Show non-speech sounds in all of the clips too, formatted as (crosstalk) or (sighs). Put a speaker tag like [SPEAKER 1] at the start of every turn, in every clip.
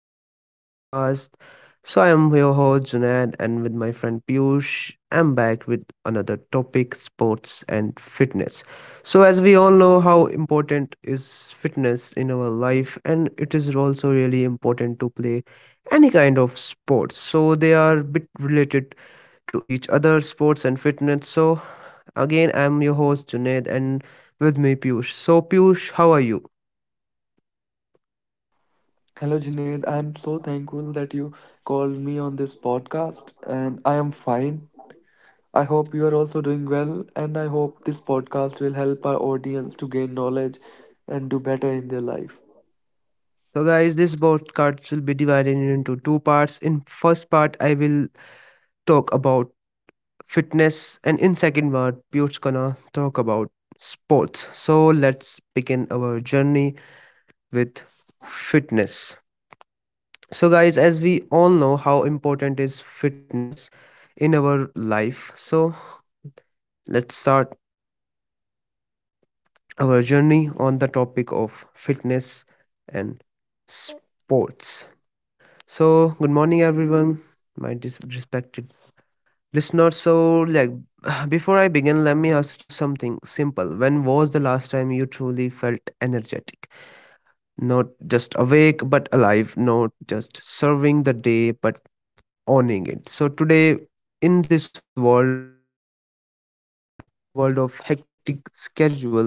[SPEAKER 1] all of our podcast. So, I am your host Junaid, and with my friend Piyush, I'm back with another topic sports and fitness. So, as we all know, how important is fitness in our life, and it is also really important to play any kind of sports. So, they are a bit related to each other, sports and fitness. So, again, I'm your host Junaid, and with me Piyush. So, Piyush, how are you?
[SPEAKER 2] Hello, Junaid. I'm so thankful that you called me on this podcast, and I am fine. I hope you are also doing well, and I hope this podcast will help our audience to gain knowledge and do better in their life.
[SPEAKER 1] So guys, this podcast will be divided into two parts. In first part, I will talk about fitness, and in second part, Piyush gonna talk about sports. So let's begin our journey with fitness. So guys, as we all know how important is fitness in our life. So let's start our journey on the topic of fitness and sports. So good morning everyone, my respected listener, so like (sighs) before I begin, let me ask you something simple. When was the last time you truly felt energetic? Not just awake, but alive. Not just serving the day, but owning it. So today, in this world of hectic schedule.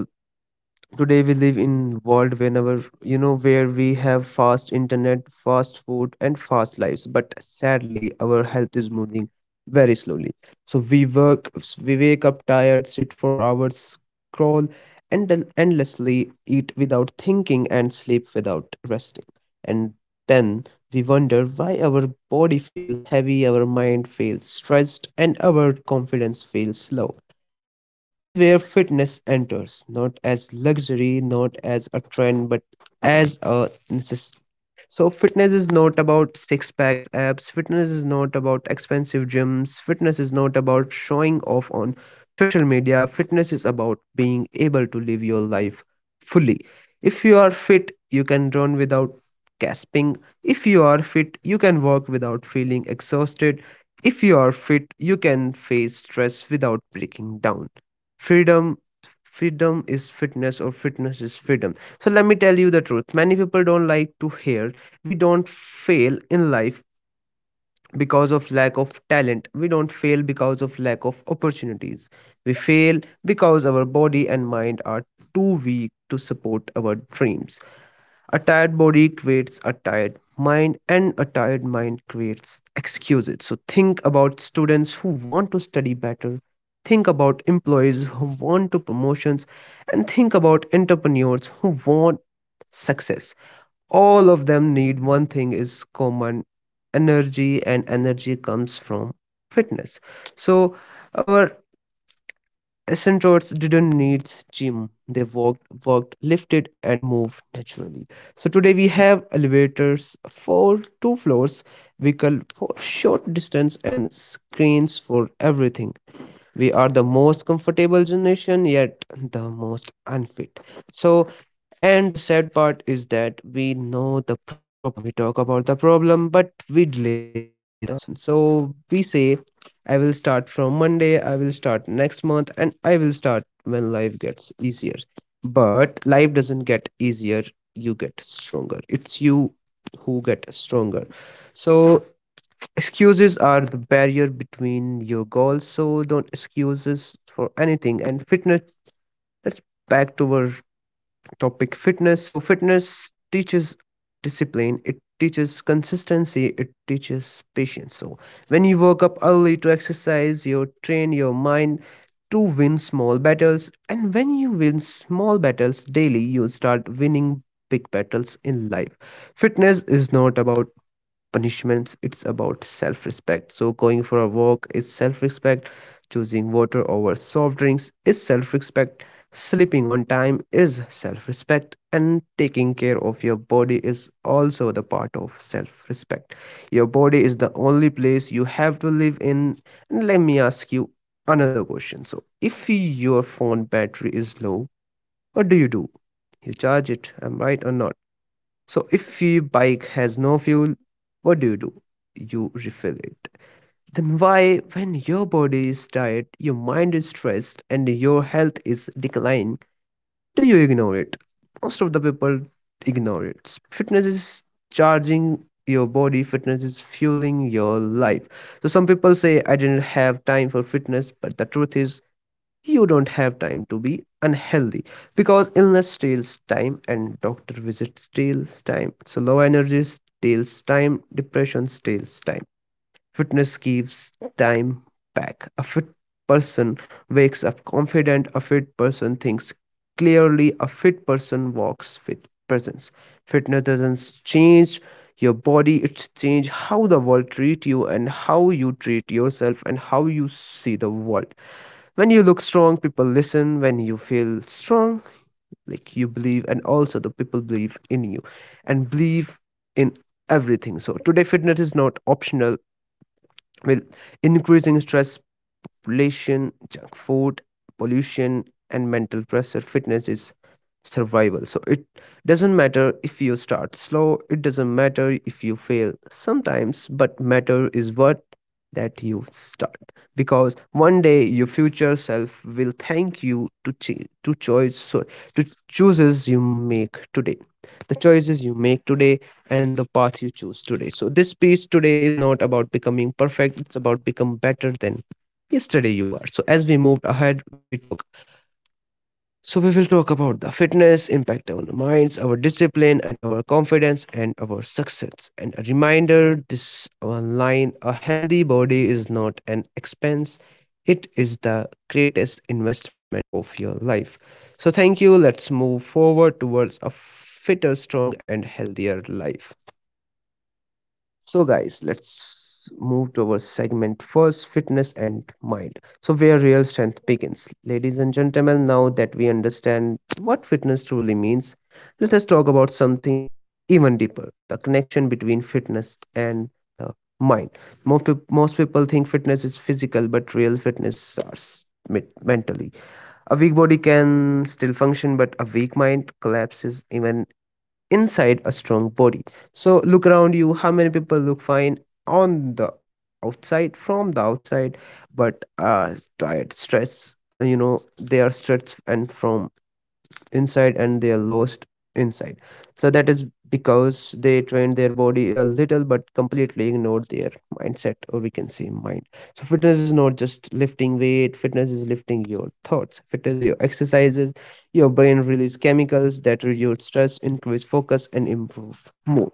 [SPEAKER 1] Today we live in world whenever where we have fast internet, fast food, and fast lives. But sadly, our health is moving very slowly. So we work, we wake up tired, sit for hours, scroll and endlessly, eat without thinking, and sleep without resting. And then we wonder why our body feels heavy, our mind feels stressed, and our confidence feels low. This is where fitness enters, not as luxury, not as a trend, but as a necessity. So, fitness is not about six packs apps, fitness is not about expensive gyms, fitness is not about showing off on social media, fitness is about being able to live your life fully. If you are fit, you can run without gasping. If you are fit, you can work without feeling exhausted. If you are fit, you can face stress without breaking down. Freedom freedom is fitness, or fitness is freedom. So let me tell you the truth many people don't like to hear. We don't fail in life because of lack of talent, we don't fail because of lack of opportunities, we fail because our body and mind are too weak to support our dreams. A tired body creates a tired mind, and a tired mind creates excuses. So, think about students who want to study better, think about employees who want to promotions, and think about entrepreneurs who want success. All of them need one thing is common: energy, and energy comes from fitness. So, our astronauts didn't need gym. They walked, worked, lifted, and moved naturally. So today we have elevators for two floors, vehicle for short distance, and screens for everything. We are the most comfortable generation, yet the most unfit. So, and the sad part is that we know the problem. We talk about the problem, but we delay the solution. So we say, I will start from Monday, I will start next month, and I will start when life gets easier. But life doesn't get easier, you get stronger. It's you who get stronger. So excuses are the barrier between your goals, so don't excuses for anything. And fitness, let's back to our topic fitness. So, fitness teaches discipline, it teaches consistency, it teaches patience. So, when you wake up early to exercise, you train your mind to win small battles. And when you win small battles daily, you start winning big battles in life. Fitness is not about punishments, it's about self respect. So, going for a walk is self respect, choosing water over soft drinks is self respect, sleeping on time is self respect, and taking care of your body is also the part of self respect. Your body is the only place you have to live in. And let me ask you another question. So, if your phone battery is low, what do? You charge it, am I right or not? So if your bike has no fuel, what do? You refill it. Then why, when your body is tired, your mind is stressed, and your health is declining, do you ignore it? Most of the people ignore it. Fitness is charging your body, fitness is fueling your life. So some people say, I didn't have time for fitness, but the truth is, you don't have time to be unhealthy, because illness steals time and doctor visits steals time, so low energy steals time, depression steals time, fitness gives time back. A fit person wakes up confident, a fit person thinks clearly, a fit person walks with presence. Fitness doesn't change your body, it's change how the world treat you and how you treat yourself and how you see the world. When you look strong people listen, when you feel strong like you believe and also the people believe in you and believe in everything. So today fitness is not optional. With increasing stress relation, junk food, pollution, and mental pressure, fitness is survival. So it doesn't matter if you start slow, it doesn't matter if you fail sometimes, but matter is what that you start, because one day your future self will thank you to to choice. So to choices you make today the choices you make today and the path you choose today. So this piece today is not about becoming perfect, it's about become better than yesterday you are. So as we moved ahead, we talk. So we will talk about the fitness impact on our minds, our discipline, and our confidence and our success. And a reminder, this one line: a healthy body is not an expense; it is the greatest investment of your life. So thank you. Let's move forward towards a fitter, strong, and healthier life. So, guys, let's move to our segment first fitness and mind. So, where real strength begins. Ladies and gentlemen, now that we understand what fitness truly means, let us talk about something even deeper, the connection between fitness and the mind. Most people think fitness is physical, but real fitness starts mentally. A weak body can still function, but a weak mind collapses even inside a strong body. So look around you how many people look fine on the outside from the outside, but are tired stress, they are stressed and from inside, and they are lost inside. So that is because they train their body a little but completely ignored their mindset, or we can say mind. So fitness is not just lifting weight, fitness is lifting your thoughts. Fitness your exercises, your brain releases chemicals that reduce stress, increase focus, and improve mood.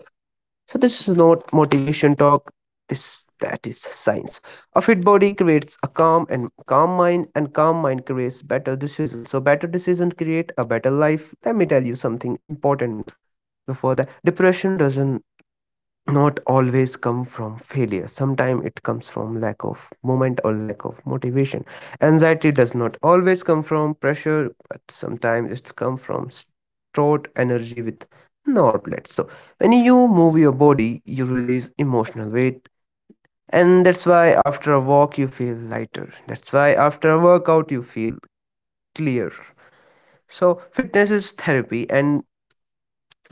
[SPEAKER 1] So this is not motivation talk. This that is science. A fit body creates a calm and calm mind creates better decisions. So better decisions create a better life. Let me tell you something important before that. Depression doesn't not always come from failure, sometimes it comes from lack of moment or lack of motivation. Anxiety does not always come from pressure, but sometimes it's come from stored energy with no outlet. So when you move your body you release emotional weight, and that's why after a walk you feel lighter, that's why after a workout you feel clear. So fitness is therapy, and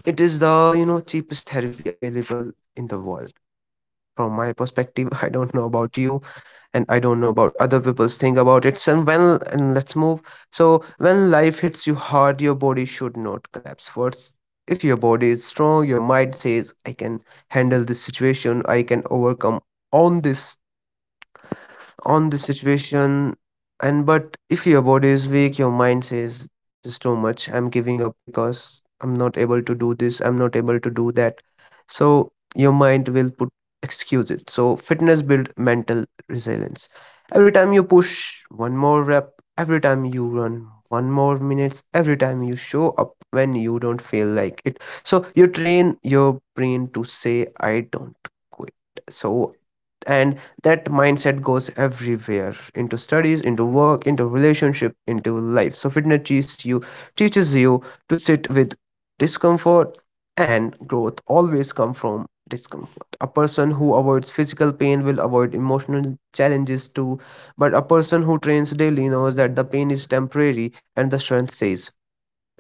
[SPEAKER 1] it is the cheapest therapy available in the world. From my perspective, (laughs) I don't know about you, and I don't know about other people's think about it. So when and let's move. So when life hits you hard, your body should not collapse first. If your body is strong, your mind says, I can handle this situation, I can overcome on this on the situation. And but if your body is weak, your mind says this is too much, I'm giving up because I'm not able to do this, I'm not able to do that. So your mind will put excuses. So fitness build mental resilience. Every time you push one more rep, every time you run one more minutes, every time you show up when you don't feel like it, so you train your brain to say I don't quit. So and that mindset goes everywhere, into studies, into work, into relationship, into life. So fitness teaches you to sit with discomfort, and growth always come from discomfort. A person who avoids physical pain will avoid emotional challenges too, but a person who trains daily knows that the pain is temporary and the strength stays.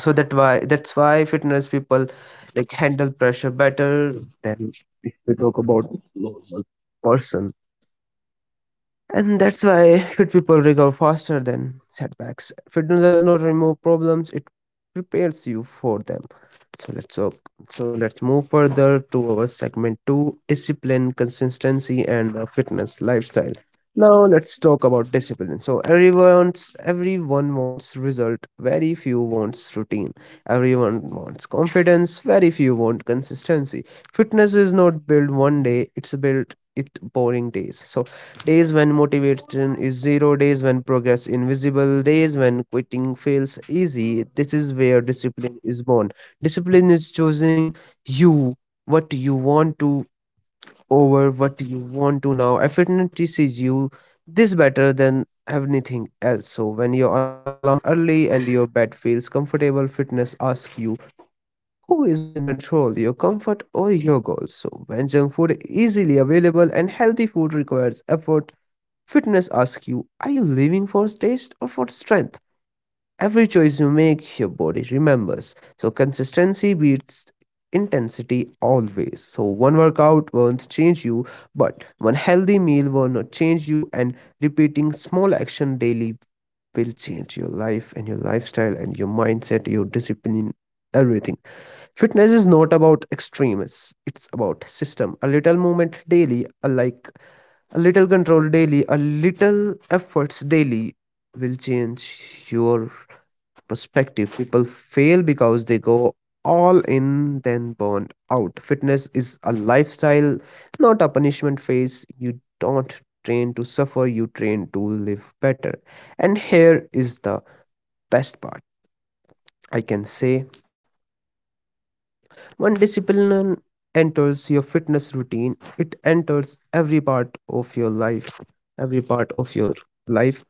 [SPEAKER 1] So that's why fitness people like handle pressure better than if we talk about normal person, and that's why fit people recover faster than setbacks. Fitness does not remove problems, it prepares you for them. So let's so, so let's move further to our segment two, discipline, consistency, and fitness lifestyle. Now let's talk about discipline. So everyone wants result, very few wants routine. Everyone wants confidence, very few want consistency. Fitness is not built one day, it's built it boring days. So days when motivation is zero, days when progress invisible, days when quitting feels easy. This is where discipline is born. Discipline is choosing you, what you want to over what you want to now. Effortlessly sees you this better than anything else. So when your alarm rings early and your bed feels comfortable, fitness asks you who is in control, your comfort or your goals. So when junk food is easily available and healthy food requires effort, fitness asks you, are you living for taste or for strength? Every choice you make, your body remembers. So consistency beats intensity always. So one workout won't change you, but one healthy meal will not change you, and repeating small action daily will change your life and your lifestyle and your mindset, your discipline, everything. Fitness is not about extremes, it's about system. A little movement daily, like a little control daily, a little efforts daily will change your perspective. People fail because they go all in, then burn out. Fitness is a lifestyle, not a punishment phase. You don't train to suffer, you train to live better. And here is the best part I can say when discipline enters your fitness routine, it enters every part of your life, every part of your life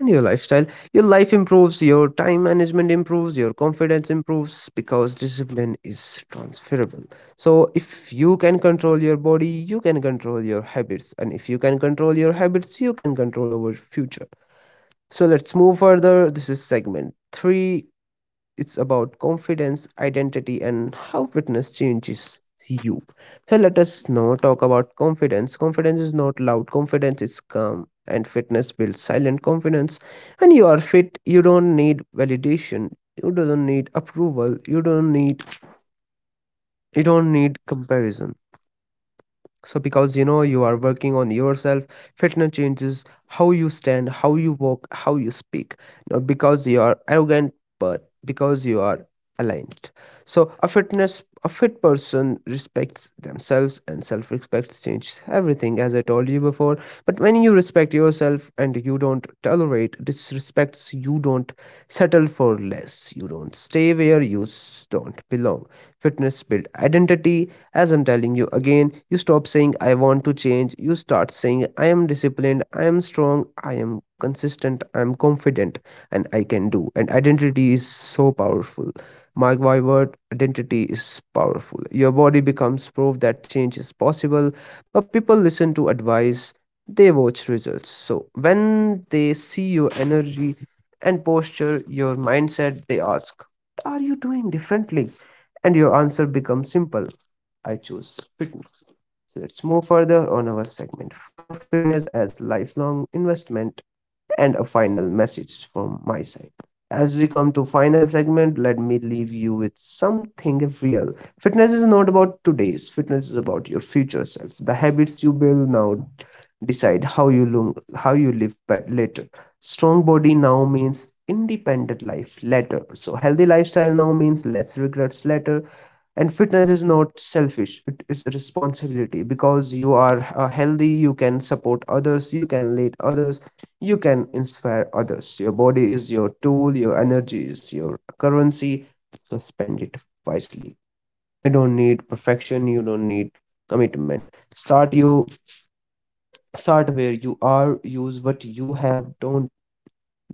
[SPEAKER 1] and your lifestyle. Your life improves, your time management improves, your confidence improves because discipline is transferable. So, if you can control your body, you can control your habits, and if you can control your habits, you can control our future. So, let's move further. This is segment three, it's about confidence, identity, and how fitness changes you. So let us now talk about confidence. Confidence is not loud, confidence is calm, and fitness builds silent confidence. When you are fit, you don't need validation, you don't need approval, you don't need comparison so because you know you are working on yourself. Fitness changes how you stand, how you walk, how you speak, not because you are arrogant but because you are aligned. So a fit person respects themselves and self respect changes everything, as I told you before. But when you respect yourself and you don't tolerate disrespects, you don't settle for less, you don't stay where you don't belong. Fitness build identity. As I'm telling you again, you stop saying I want to change, you start saying I am disciplined, I am strong, I am consistent, I am confident, and I can do. And identity is so powerful. Mark my word, identity is powerful. Your body becomes proof that change is possible, but people listen to advice, they watch results. So when they see your energy and posture, your mindset, they ask, are you doing differently? And your answer becomes simple: I choose fitness. So let's move further on our segment 4, fitness as lifelong investment and a final message from my side. As we come to final segment, let me leave you with something real. Fitness is not about today's, fitness is about your future self. The habits you build now decide how you look, how you live but later. Strong body now means independent life later. So healthy lifestyle now means less regrets later, and fitness is not selfish, it is a responsibility because you are healthy, you can support others, you can lead others, you can inspire others. Your body is your tool, your energy is your currency, so spend it wisely. You don't need perfection, you don't need commitment. Start you start where you are, use what you have, don't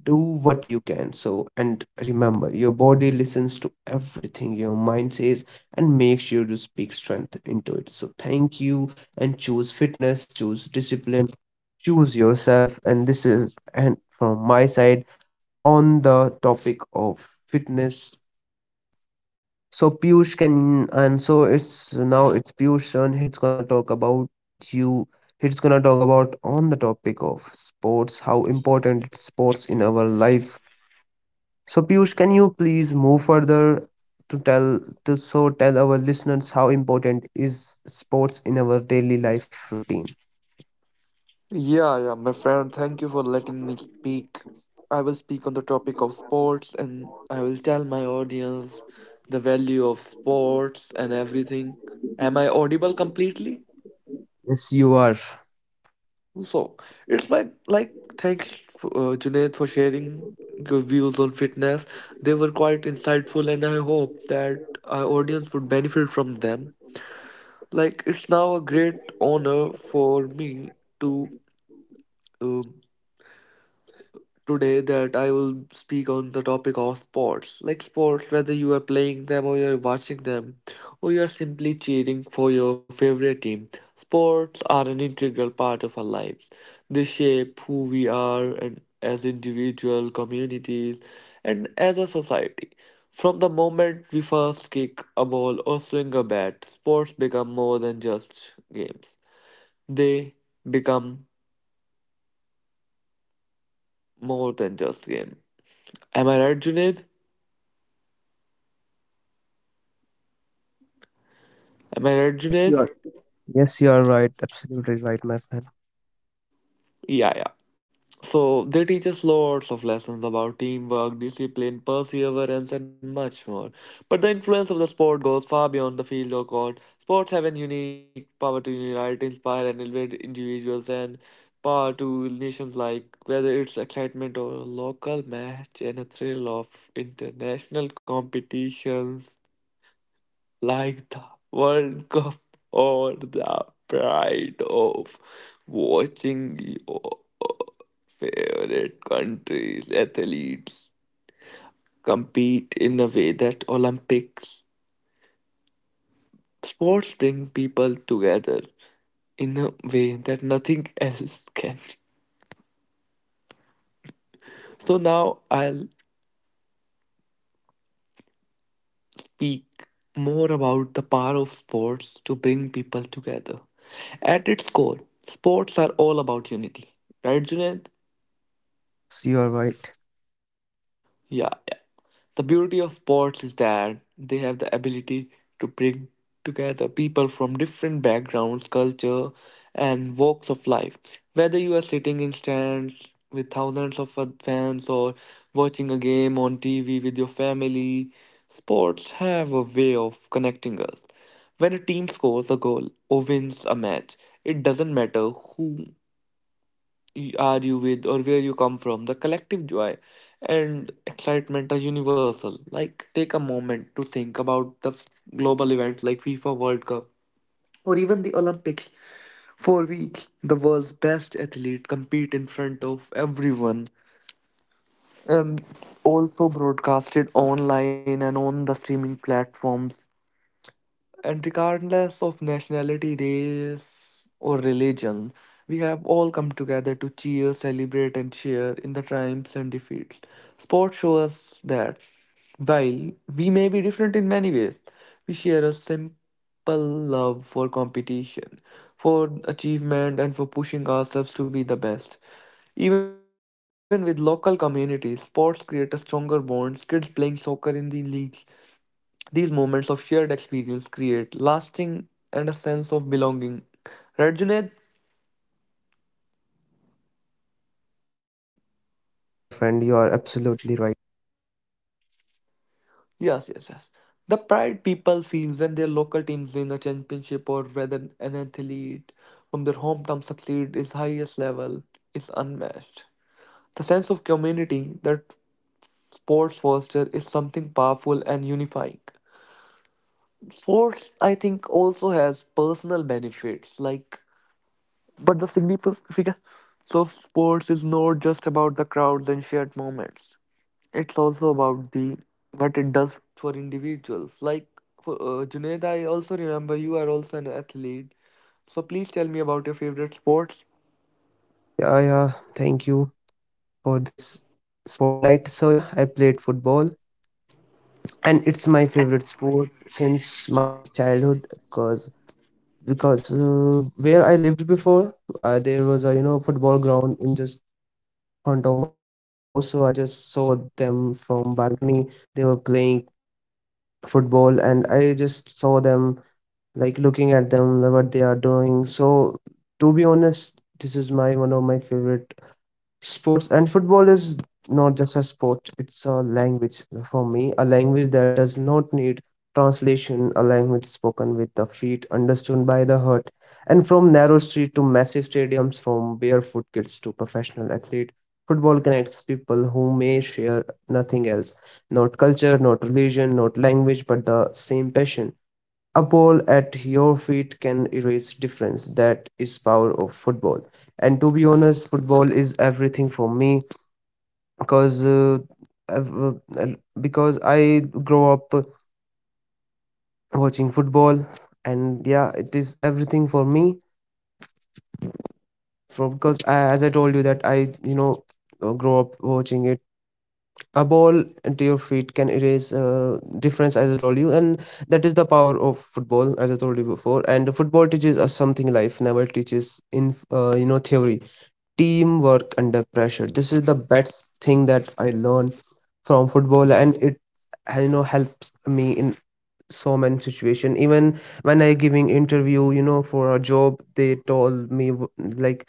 [SPEAKER 1] do what you can. So and remember, your body listens to everything your mind says, and make sure to speak strength into it. So thank you, and choose fitness, choose discipline, choose yourself. And this is and from my side on the topic of fitness. So piyush can and so it's now it's Piyush turn. He's gonna talk about you, he's gonna talk about on the topic of sports, how important it's sports in our life. So Piyush, can you please move further to tell to so tell our listeners how important is sports in our daily life routine?
[SPEAKER 2] Yeah, yeah, my friend, thank you for letting me speak. I will speak on the topic of sports, and I will tell my audience the value of sports and everything. Am I audible completely?
[SPEAKER 1] Yes, you are.
[SPEAKER 2] So it's like thanks, Junaid, for sharing your views on fitness. They were quite insightful, and I hope that our audience would benefit from them. Like it's now a great honor for me to. um Today that I will speak on the topic of sports. Like sports, whether you are playing them or you're watching them, or you're simply cheering for your favorite team, sports are an integral part of our lives. They shape who we are and as individual communities and as a society. From the moment we first kick a ball or swing a bat, sports become more than just games. They become more than just game. Am I right, Junaid? Am I right,
[SPEAKER 1] Yes, you
[SPEAKER 2] Junaid?
[SPEAKER 1] are. Yes, you are right. Absolutely right, my friend.
[SPEAKER 2] Yeah, yeah. So they teach us lots of lessons about teamwork, discipline, perseverance, and much more. But the influence of the sport goes far beyond the field or court. Sports have a unique power to unite, inspire, and elevate individuals and power to nations, like whether it's excitement or a local match and a thrill of international competitions, like the World Cup or the pride of watching your favorite country's athletes compete in a way that Olympics sports bring people together in a way that nothing else can. So now I'll speak more about the power of sports to bring people together. At its core, sports are all about unity. Right, Junaid?
[SPEAKER 1] Yes, you are right.
[SPEAKER 2] Yeah. The beauty of sports is that they have the ability to bring together people from different backgrounds, culture, and walks of life. Whether you are sitting in stands with thousands of fans or watching a game on TV with your family, sports have a way of connecting us. When a team scores a goal or wins a match, it doesn't matter who are you with or where you come from. The collective joy and excitement are universal. Like, take a moment to think about the global events like FIFA World Cup or even the Olympics. For weeks, the world's best athlete compete in front of everyone and also broadcasted online and on the streaming platforms. And regardless of nationality, race, or religion, we have all come together to cheer, celebrate, and share in the triumphs and defeats. Sports show us that while we may be different in many ways, we share a simple love for competition, for achievement, and for pushing ourselves to be the best. Even with local communities, sports create a stronger bonds. Kids playing soccer in the leagues, these moments of shared experience create lasting and a sense of belonging. Right, Junaid?
[SPEAKER 1] Yes, my friend, you are absolutely right.
[SPEAKER 2] Yes, yes, yes. The pride people feel when their local teams win a championship or whether an athlete from their hometown succeed is highest level is unmatched. The sense of community that sports foster is something powerful and unifying. Sports, I think, also has personal benefits like but the significance of sports is not just about the crowds and shared moments. It's also about the what it does for individuals. Like for, Junaid, I also remember you are also an athlete. So please tell me about your favorite sports.
[SPEAKER 1] Yeah, yeah. Thank you for this spotlight. So yeah, I played football and it's my favorite sport since my childhood because because where I lived before, there was a you know football ground in just front of my house, so I just saw them from balcony. They were playing football, and I just saw them, like looking at them like what they are doing. So to be honest, this is my one of my favorite sports. And football is not just a sport, it's a language for me, a language that does not need translation, a language spoken with the feet, understood by the heart. And from narrow street to massive stadiums, from barefoot kids to professional athlete, football connects people who may share nothing else, not culture, not religion, not language, but the same passion. A ball at your feet can erase difference. That is power of football. And to be honest, football is everything for me because uh, I've, uh, uh, because I grow up watching football, and yeah, it is everything for me. For because I, as I told you that I you know grow up watching it. A ball into your feet can erase difference, as I told you, and that is the power of football, as I told you before. And football teaches us something life never teaches in theory. Teamwork under pressure, this is the best thing that I learned from football, and it helps me in so many situation. Even when I giving interview, you know, for a job, they told me like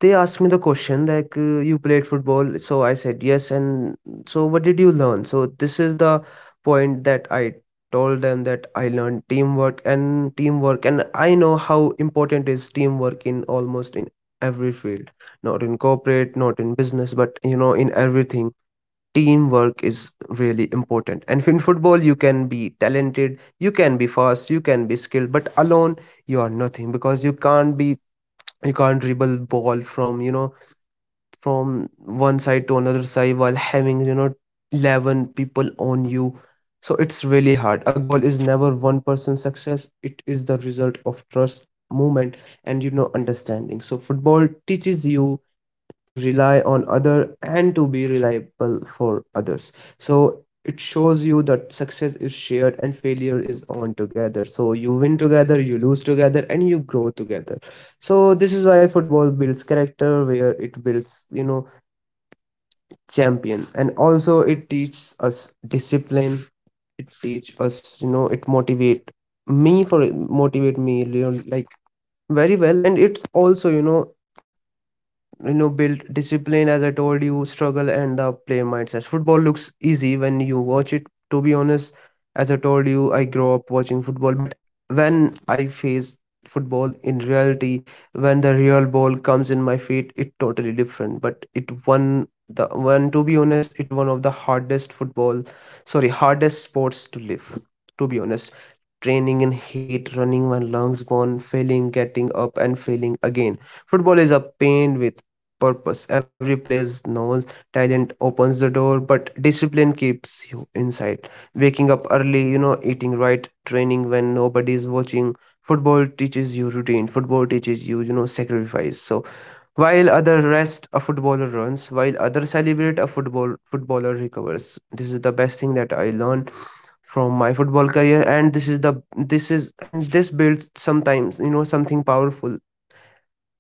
[SPEAKER 1] they asked me the question like, you played football, so I said yes. And so what did you learn? So this is the point that I told them, that I learned teamwork and teamwork, and I know how important is teamwork in almost in every field, not in corporate, not in business, but you know in everything. Teamwork is really important, and in football you can be talented, you can be fast, you can be skilled, but alone you are nothing because you can't dribble ball from you know from one side to another side while having you know 11 people on you, so it's really hard. A goal is never one person's success, it is the result of trust, movement, and you know understanding. So football teaches you to rely on other and to be reliable for others. So it shows you that success is shared and failure is on together, so you win together, you lose together, and you grow together. So this is why football builds character, where it builds you know champion. And also it teaches us discipline, it teaches us you know, it motivate me for motivate me, you know, like very well. And it's also you know, you know, build discipline, as I told you, struggle and the player mindset. Football looks easy when you watch it, to be honest, as I told you I grew up watching football, but when I face football in reality, when the real ball comes in my feet, it totally different. But it one, to be honest, it one of the hardest football sorry hardest sports to live, to be honest. Training in heat, running when lungs burn, failing, getting up and failing again. Football is a pain with purpose. Every player knows talent opens the door, but discipline keeps you inside. Waking up early, you know, eating right, training when nobody is watching. Football teaches you routine. Football teaches you, you know, sacrifice. So while other rest, a footballer runs, while other celebrate, a football footballer recovers. This is the best thing that I learned from my football career, and this is the this is and this builds sometimes you know something powerful,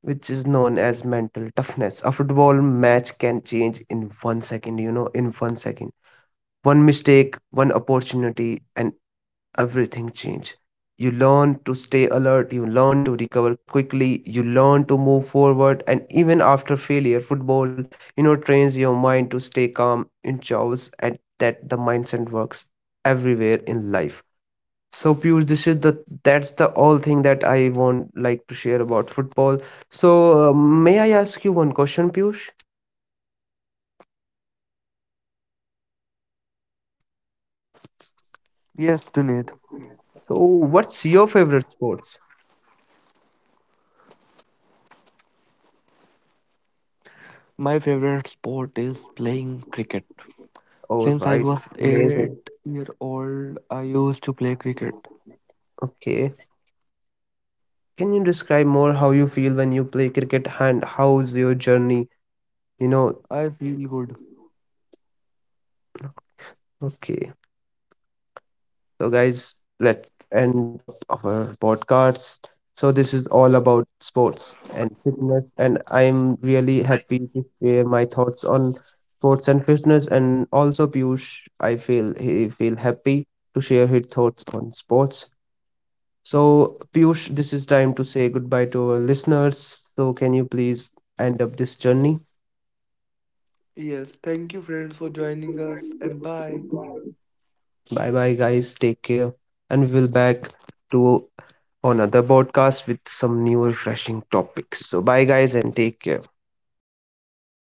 [SPEAKER 1] which is known as mental toughness. A football match can change in one second, you know, in one second, one mistake, one opportunity, and everything change. You learn to stay alert, you learn to recover quickly, you learn to move forward, and even after failure, football you know trains your mind to stay calm in chaos, and that the mindset works everywhere in life. So Piyush, this is the that's the all thing that I want like to share about football. So may I ask you one question, Piyush?
[SPEAKER 2] Yes, Junaid.
[SPEAKER 1] So what's your favorite sports?
[SPEAKER 2] My favorite sport is playing cricket.
[SPEAKER 1] All
[SPEAKER 2] Since
[SPEAKER 1] right.
[SPEAKER 2] I was
[SPEAKER 1] Amazing.
[SPEAKER 2] 8 year old, I used to play cricket.
[SPEAKER 1] Okay. Can you describe more how you feel when you play cricket and how's your journey? You know,
[SPEAKER 2] I feel good.
[SPEAKER 1] okay. So guys, let's end up our podcast. So this is all about sports and fitness, and I'm really happy to share my thoughts on sports and fitness. And also Piyush, I feel he feel happy to share his thoughts on sports. So Piyush, this is time to say goodbye to our listeners. So can you please end up this journey?
[SPEAKER 2] Yes, thank you, friends, for joining us, and bye.
[SPEAKER 1] Bye bye, guys. Take care. And we'll back to another podcast with some new refreshing topics. So, bye, guys, and take care.
[SPEAKER 2] Bye.